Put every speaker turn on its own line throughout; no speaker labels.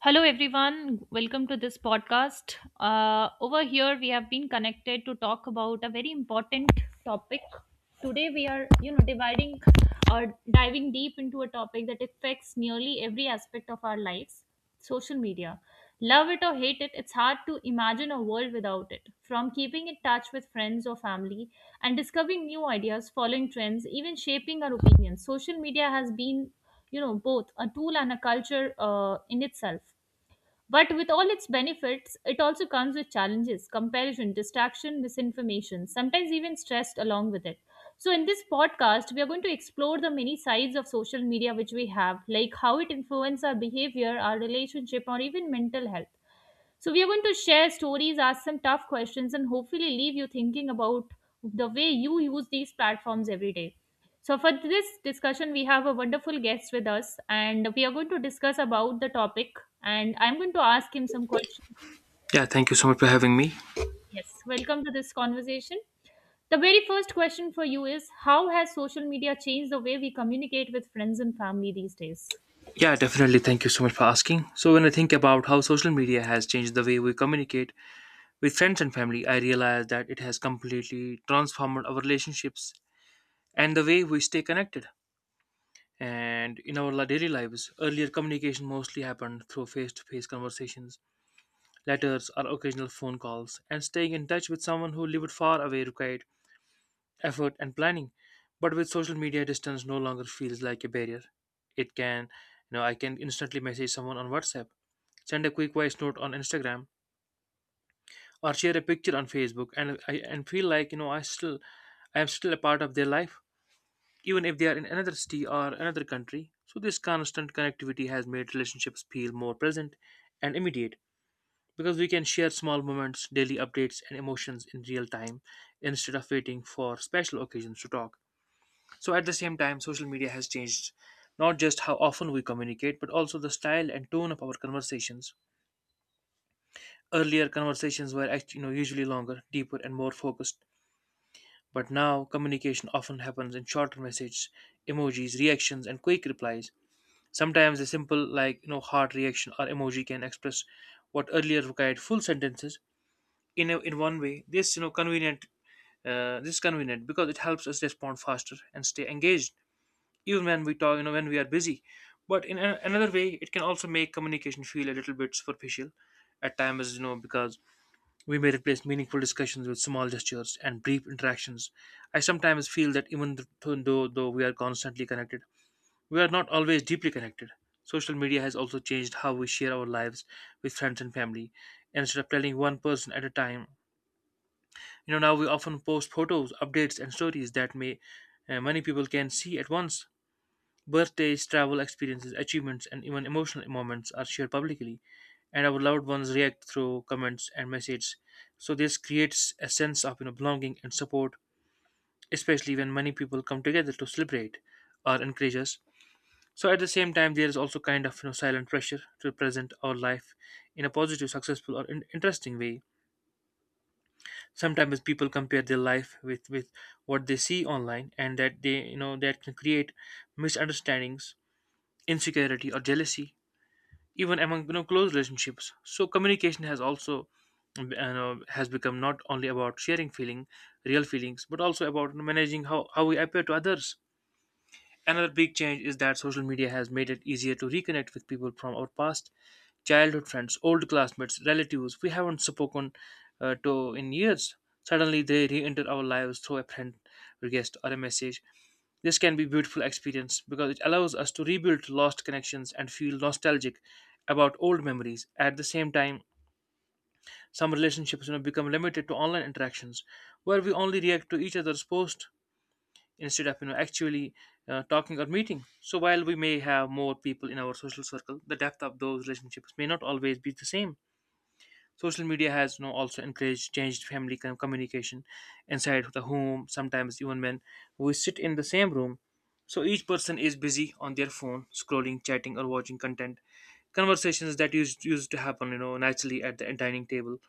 Hello, everyone. Welcome to this podcast. Over here, we have been connected to talk about a very important topic. Today, we are, dividing or diving deep into a topic that affects nearly every aspect of our lives, social media. Love it or hate it, it's hard to imagine a world without it. From keeping in touch with friends or family and discovering new ideas, following trends, even shaping our opinions, social media has been, both a tool and a culture in itself, but with all its benefits, it also comes with challenges: comparison, distraction, misinformation, sometimes even stressed along with it. So, in this podcast, we are going to explore the many sides of social media which we have, like how it influences our behavior, our relationship, or even mental health. So, we are going to share stories, ask some tough questions, and hopefully leave you thinking about the way you use these platforms every day. So, for this discussion, we have a wonderful guest with us, and we are going to discuss about the topic. And I'm going to ask him some questions.
Yeah, thank you so much for having me.
Yes, welcome to this conversation. The very first question for you is: how has social media changed the way we communicate with friends and family these days?
Yeah, definitely. Thank you so much for asking. So when I think about how social media has changed the way we communicate with friends and family, I realize that it has completely transformed our relationships and the way we stay connected. And in our daily lives, earlier communication mostly happened through face to face conversations, letters, or occasional phone calls, and staying in touch with someone who lived far away required effort and planning. But with social media, distance no longer feels like a barrier. It can, you know, I can instantly message someone on WhatsApp, send a quick voice note on Instagram, or share a picture on Facebook, and I and feel like, you know, I am still a part of their life, even if they are in another city or another country. So this constant connectivity has made relationships feel more present and immediate because we can share small moments, daily updates, and emotions in real time instead of waiting for special occasions to talk. So at the same time, social media has changed not just how often we communicate, but also the style and tone of our conversations. Earlier, conversations were actually, you know, usually longer, deeper, and more focused. But now, communication often happens in shorter messages, emojis, reactions, and quick replies. Sometimes a simple, like, you know, heart reaction or emoji can express what earlier required full sentences. In one way, this, you know, this is convenient because it helps us respond faster and stay engaged, even when we talk, you know, when we are busy. But in another way, it can also make communication feel a little bit superficial at times, you know, because we may replace meaningful discussions with small gestures and brief interactions. I sometimes feel that even though we are constantly connected, we are not always deeply connected. Social media has also changed how we share our lives with friends and family. Instead of telling one person at a time, you know, now we often post photos, updates, and stories that may many people can see at once. Birthdays, travel experiences, achievements, and even emotional moments are shared publicly, and our loved ones react through comments and messages. So this creates a sense of, you know, belonging and support, especially when many people come together to celebrate or encourage us. So at the same time, there is also kind of, you know, silent pressure to present our life in a positive, successful, or interesting way. Sometimes people compare their life with what they see online, and that they you know that can create misunderstandings, insecurity, or jealousy even among, you know, close relationships. So communication has also, you know, has become not only about sharing feeling real feelings, but also about managing how we appear to others. Another big change is that social media has made it easier to reconnect with people from our past: childhood friends, old classmates, relatives we haven't spoken to in years. Suddenly, they re-enter our lives through a friend request or a message. This can be beautiful experience because it allows us to rebuild lost connections and feel nostalgic about old memories. At the same time, some relationships, you know, become limited to online interactions where we only react to each other's post instead of, you know, actually talking or meeting. So while we may have more people in our social circle, the depth of those relationships may not always be the same. Social media has, you know, also encouraged changed family communication inside the home, sometimes even when we sit in the same room. So each person is busy on their phone, scrolling, chatting, or watching content. Conversations that used to happen, you know, naturally at the dining table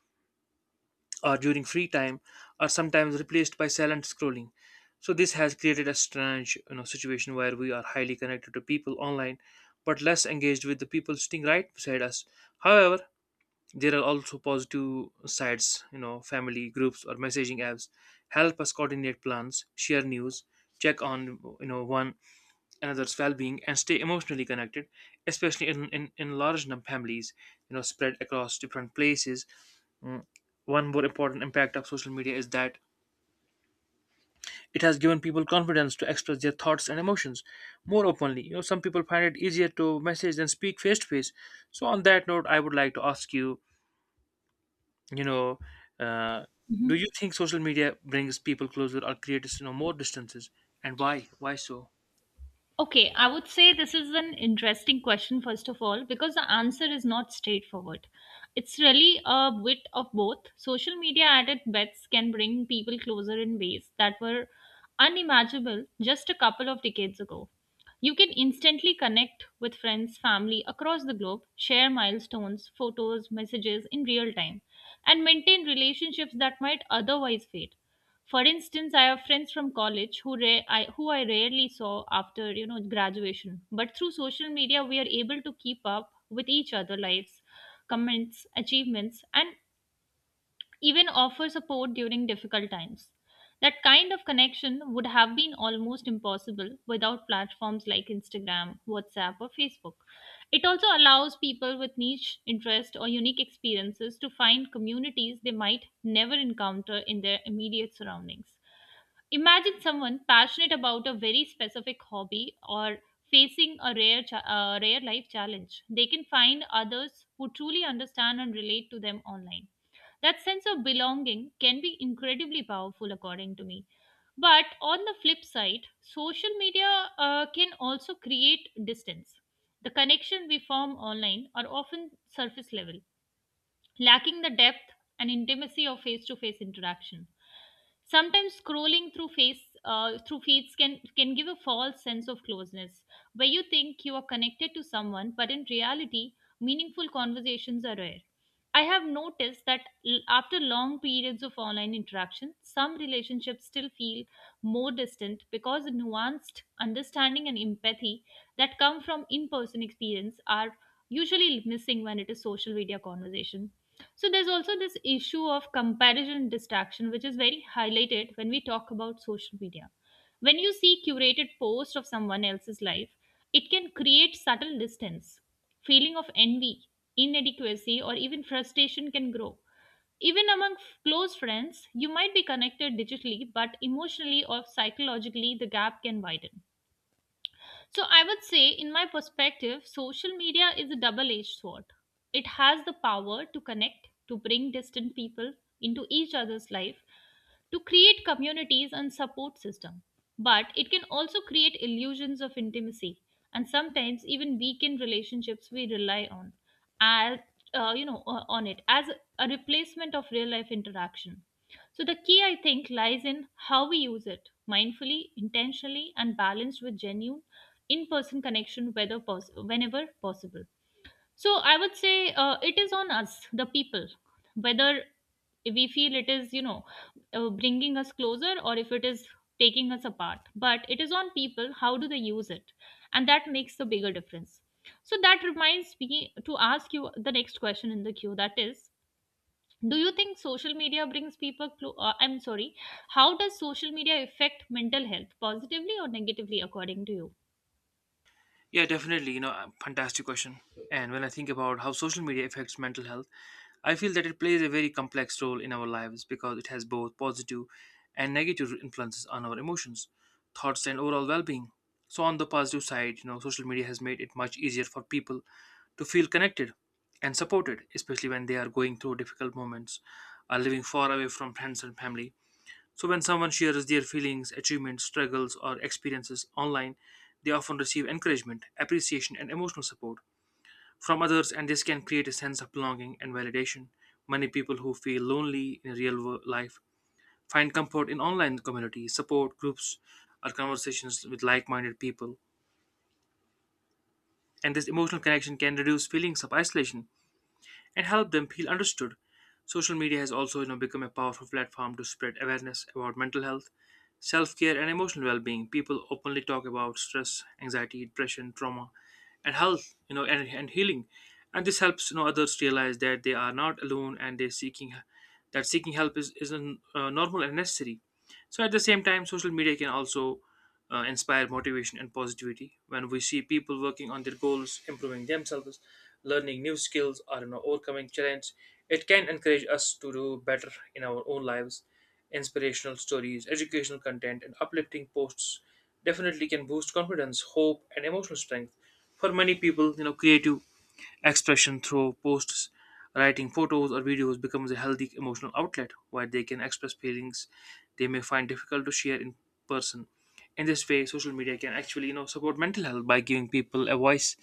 or during free time are sometimes replaced by silent scrolling. So this has created a strange, you know, situation where we are highly connected to people online, but less engaged with the people sitting right beside us. However, there are also positive sides. You know, family groups or messaging apps help us coordinate plans, share news, check on, you know, one another's well-being, and stay emotionally connected, especially in large number families, you know, spread across different places. Mm. One more important impact of social media is that it has given people confidence to express their thoughts and emotions more openly. You know, some people find it easier to message than speak face to face. So on that note, I would like to ask you, you know uh, do you think social media brings people closer or creates, you know, more distances, and why so?
Okay, I would say this is an interesting question, first of all, because the answer is not straightforward. It's really a bit of both. Social media at its best can bring people closer in ways that were unimaginable just a couple of decades ago. You can instantly connect with friends, family across the globe, share milestones, photos, messages in real time, and maintain relationships that might otherwise fade. For instance, I have friends from college who who I rarely saw after, you know, graduation, but through social media we are able to keep up with each other lives, comments, achievements, and even offer support during difficult times. That kind of connection would have been almost impossible without platforms like Instagram, WhatsApp, or Facebook. It also allows people with niche interest or unique experiences to find communities they might never encounter in their immediate surroundings. Imagine someone passionate about a very specific hobby or facing a rare life challenge. They can find others who truly understand and relate to them online. That sense of belonging can be incredibly powerful, according to me. But on the flip side, social media can also create distance. The connection we form online are often surface level, lacking the depth and intimacy of face-to-face interaction. Sometimes scrolling through face through feeds can give a false sense of closeness, where you think you are connected to someone, but in reality, meaningful conversations are rare. I have noticed that after long periods of online interaction, some relationships still feel more distant because the nuanced understanding and empathy that come from in person experience are usually missing when it is social media conversation. So there's also this issue of comparison and distraction, which is very highlighted when we talk about social media. When you see curated posts of someone else's life, it can create subtle distance. Feeling of envy, inadequacy, or even frustration can grow. Even among close friends, you might be connected digitally, but emotionally or psychologically, the gap can widen. So I would say, in my perspective, social media is a double edged sword. It has the power to connect, to bring distant people into each other's life, to create communities and support system, but it can also create illusions of intimacy and sometimes even weaken relationships we rely on as on it as a replacement of real life interaction. So the key, I think, lies in how we use it mindfully, intentionally, and balanced with genuine in person connection whenever possible. So I would say, it is on us, the people, whether we feel it is, bringing us closer or if it is taking us apart. But it is on people, how do they use it? And that makes the bigger difference. So that reminds me to ask you the next question in the queue, that is, do you think social media brings people clo- I'm sorry, how does social media affect mental health, positively or negatively, according to
Yeah, definitely. Fantastic question. And when I think about how social media affects mental health, I feel that it plays a very complex role in our lives because it has both positive and negative influences on our emotions, thoughts, and overall well being. So on the positive side, you know, social media has made it much easier for people to feel connected and supported, especially when they are going through difficult moments or living far away from friends and family. So when someone shares their feelings, achievements, struggles, or experiences online, they often receive encouragement, appreciation, and emotional support from others, and this can create a sense of belonging and validation. Many people who feel lonely in real life find comfort in online communities, support groups, or conversations with like minded people, and this emotional connection can reduce feelings of isolation and help them feel understood. Social media has also, you know, become a powerful platform to spread awareness about mental health, self care, and emotional well being. People openly talk about stress, anxiety, depression, trauma, and health, you know, and healing. And this helps, you know, others realize that they are not alone, and they're seeking that seeking help is a, normal and necessary. So at the same time, social media can also inspire motivation and positivity. When we see people working on their goals, improving themselves, learning new skills, or, you know, overcoming challenges, it can encourage us to do better in our own lives. Inspirational stories, educational content, and uplifting posts definitely can boost confidence, hope, and emotional strength. For many people, you know, creative expression through posts, writing, photos, or videos becomes a healthy emotional outlet where they can express feelings they may find difficult to share in person. In this way, social media can actually, you know, support mental health by giving people a voice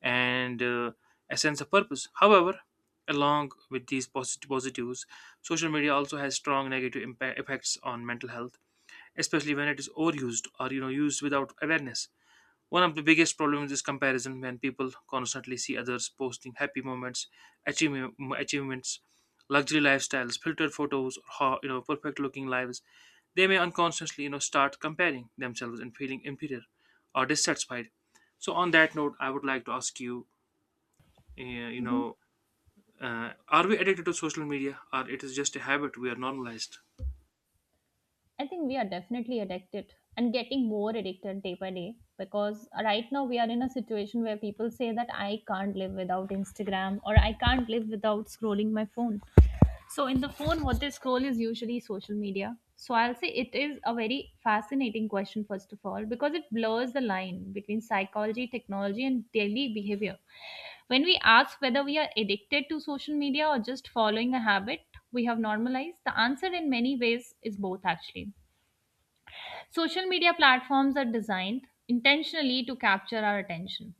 and, a sense of purpose. However, along with these positives, social media also has strong negative impact effects on mental health, especially when it is overused or, you know, used without awareness. One of the biggest problems is comparison. When people constantly see others posting happy moments, achieve achievements, luxury lifestyles, filtered photos, or, you know, perfect looking lives, they may unconsciously, you know, start comparing themselves and feeling inferior or dissatisfied. So on that note, I would like to ask you, uh, you
you?
know, are we addicted to social media, or it is just a habit we are normalized?
I think we are definitely addicted and getting more addicted day by day, because right now we are in a situation where people say that I can't live without Instagram, or I can't live without scrolling my phone. So, in the phone, what they scroll is usually social media. So, I'll say it is a very fascinating question, first of all, because it blurs the line between psychology, technology, and daily behavior. When we ask whether we are addicted to social media or just following a habit we have normalized, the answer in many ways is both, actually. Social media platforms are designed intentionally to capture our attention.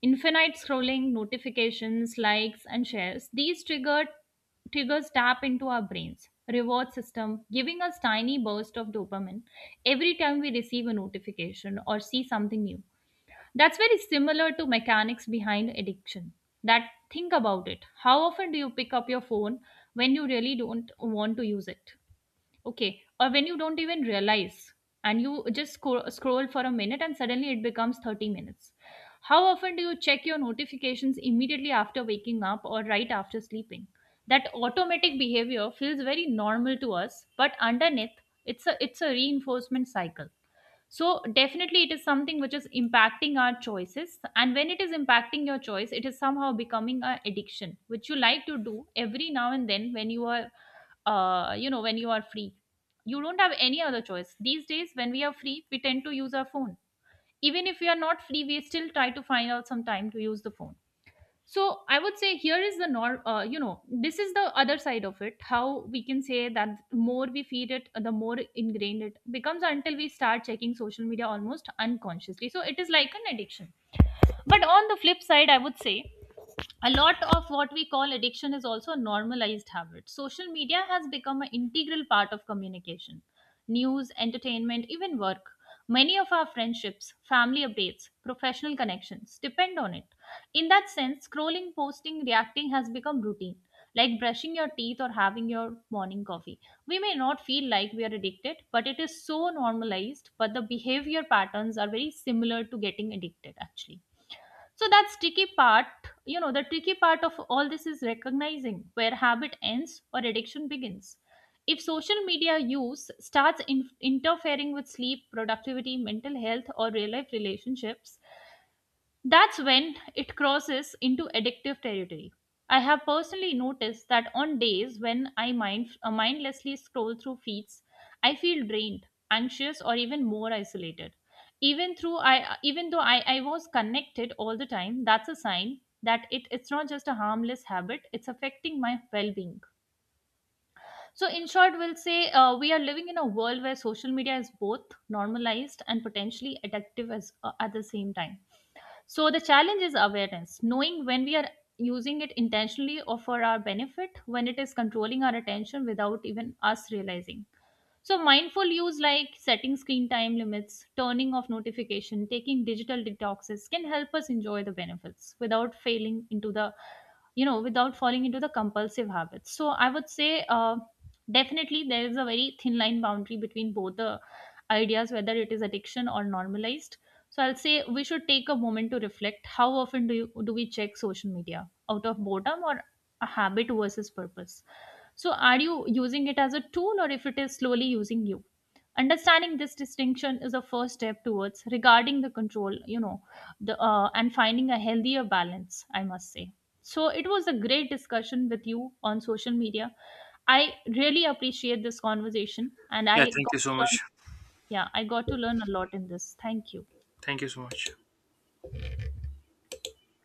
Infinite scrolling, notifications, likes, and shares, these triggered triggers tap into our brains reward system, giving us tiny burst of dopamine every time we receive a notification or see something new. That's very similar to mechanics behind addiction. That Think about it, how often do you pick up your phone when you really don't want to use it? Okay, or when you don't even realize, and you just scroll for a minute and suddenly it becomes 30 minutes. How often do you check your notifications immediately after waking up or right after sleeping? That automatic behavior feels very normal to us, but underneath it's a reinforcement cycle. So definitely it is something which is impacting our choices, and when it is impacting your choice, it is somehow becoming an addiction which you like to do every now and then when you are when you are free. You don't have any other choice these days. When we are free, we tend to use our phone. Even if we are not free, we still try to find out some time to use the phone. So I would say, here is the nor you know this is the other side of it. How we can say that, more we feed it, the more ingrained it becomes, until we start checking social media almost unconsciously. So it is like an addiction. But on the flip side, I would say, a lot of what we call addiction is also a normalized habit. Social media has become an integral part of communication, news, entertainment, even work. Many of our friendships, family updates, professional connections depend on it. In that sense, scrolling, posting, reacting has become routine, like brushing your teeth or having your morning coffee. We may not feel like we are addicted, but it is so normalized, but the behavior patterns are very similar to getting addicted, actually. So that tricky part, the tricky part of all this is recognizing where habit ends or addiction begins. If social media use starts interfering with sleep, productivity, mental health, or real life relationships, that's when it crosses into addictive territory. I have personally noticed that on days when I mindlessly scroll through feeds, I feel drained, anxious, or even more isolated. Even though I was connected all the time, that's a sign that it's not just a harmless habit; it's affecting my well-being. So, in short, we'll say we are living in a world where social media is both normalized and potentially addictive as at the same time. So the challenge is awareness, knowing when we are using it intentionally or for our benefit, when it is controlling our attention without even us realizing. So, mindful use like setting screen time limits, turning off notification, taking digital detoxes can help us enjoy the benefits without failing into the, you know, without falling into the compulsive habits. So, I would say, definitely there is a very thin line boundary between both the ideas, whether it is addiction or normalized. So, I'll say we should take a moment to reflect. How often do we check social media out of boredom or a habit versus purpose? So, are you using it as a tool, or if it is slowly using you? Understanding this distinction is a first step towards regarding the control, you know, the and finding a healthier balance, I must say. So, it was a great discussion with you on social media. I really appreciate this conversation, and
Yeah,
I
thank
got
you
to
so
learn,
much.
yeah, I got to learn a lot in this. Thank you.
Thank you so much.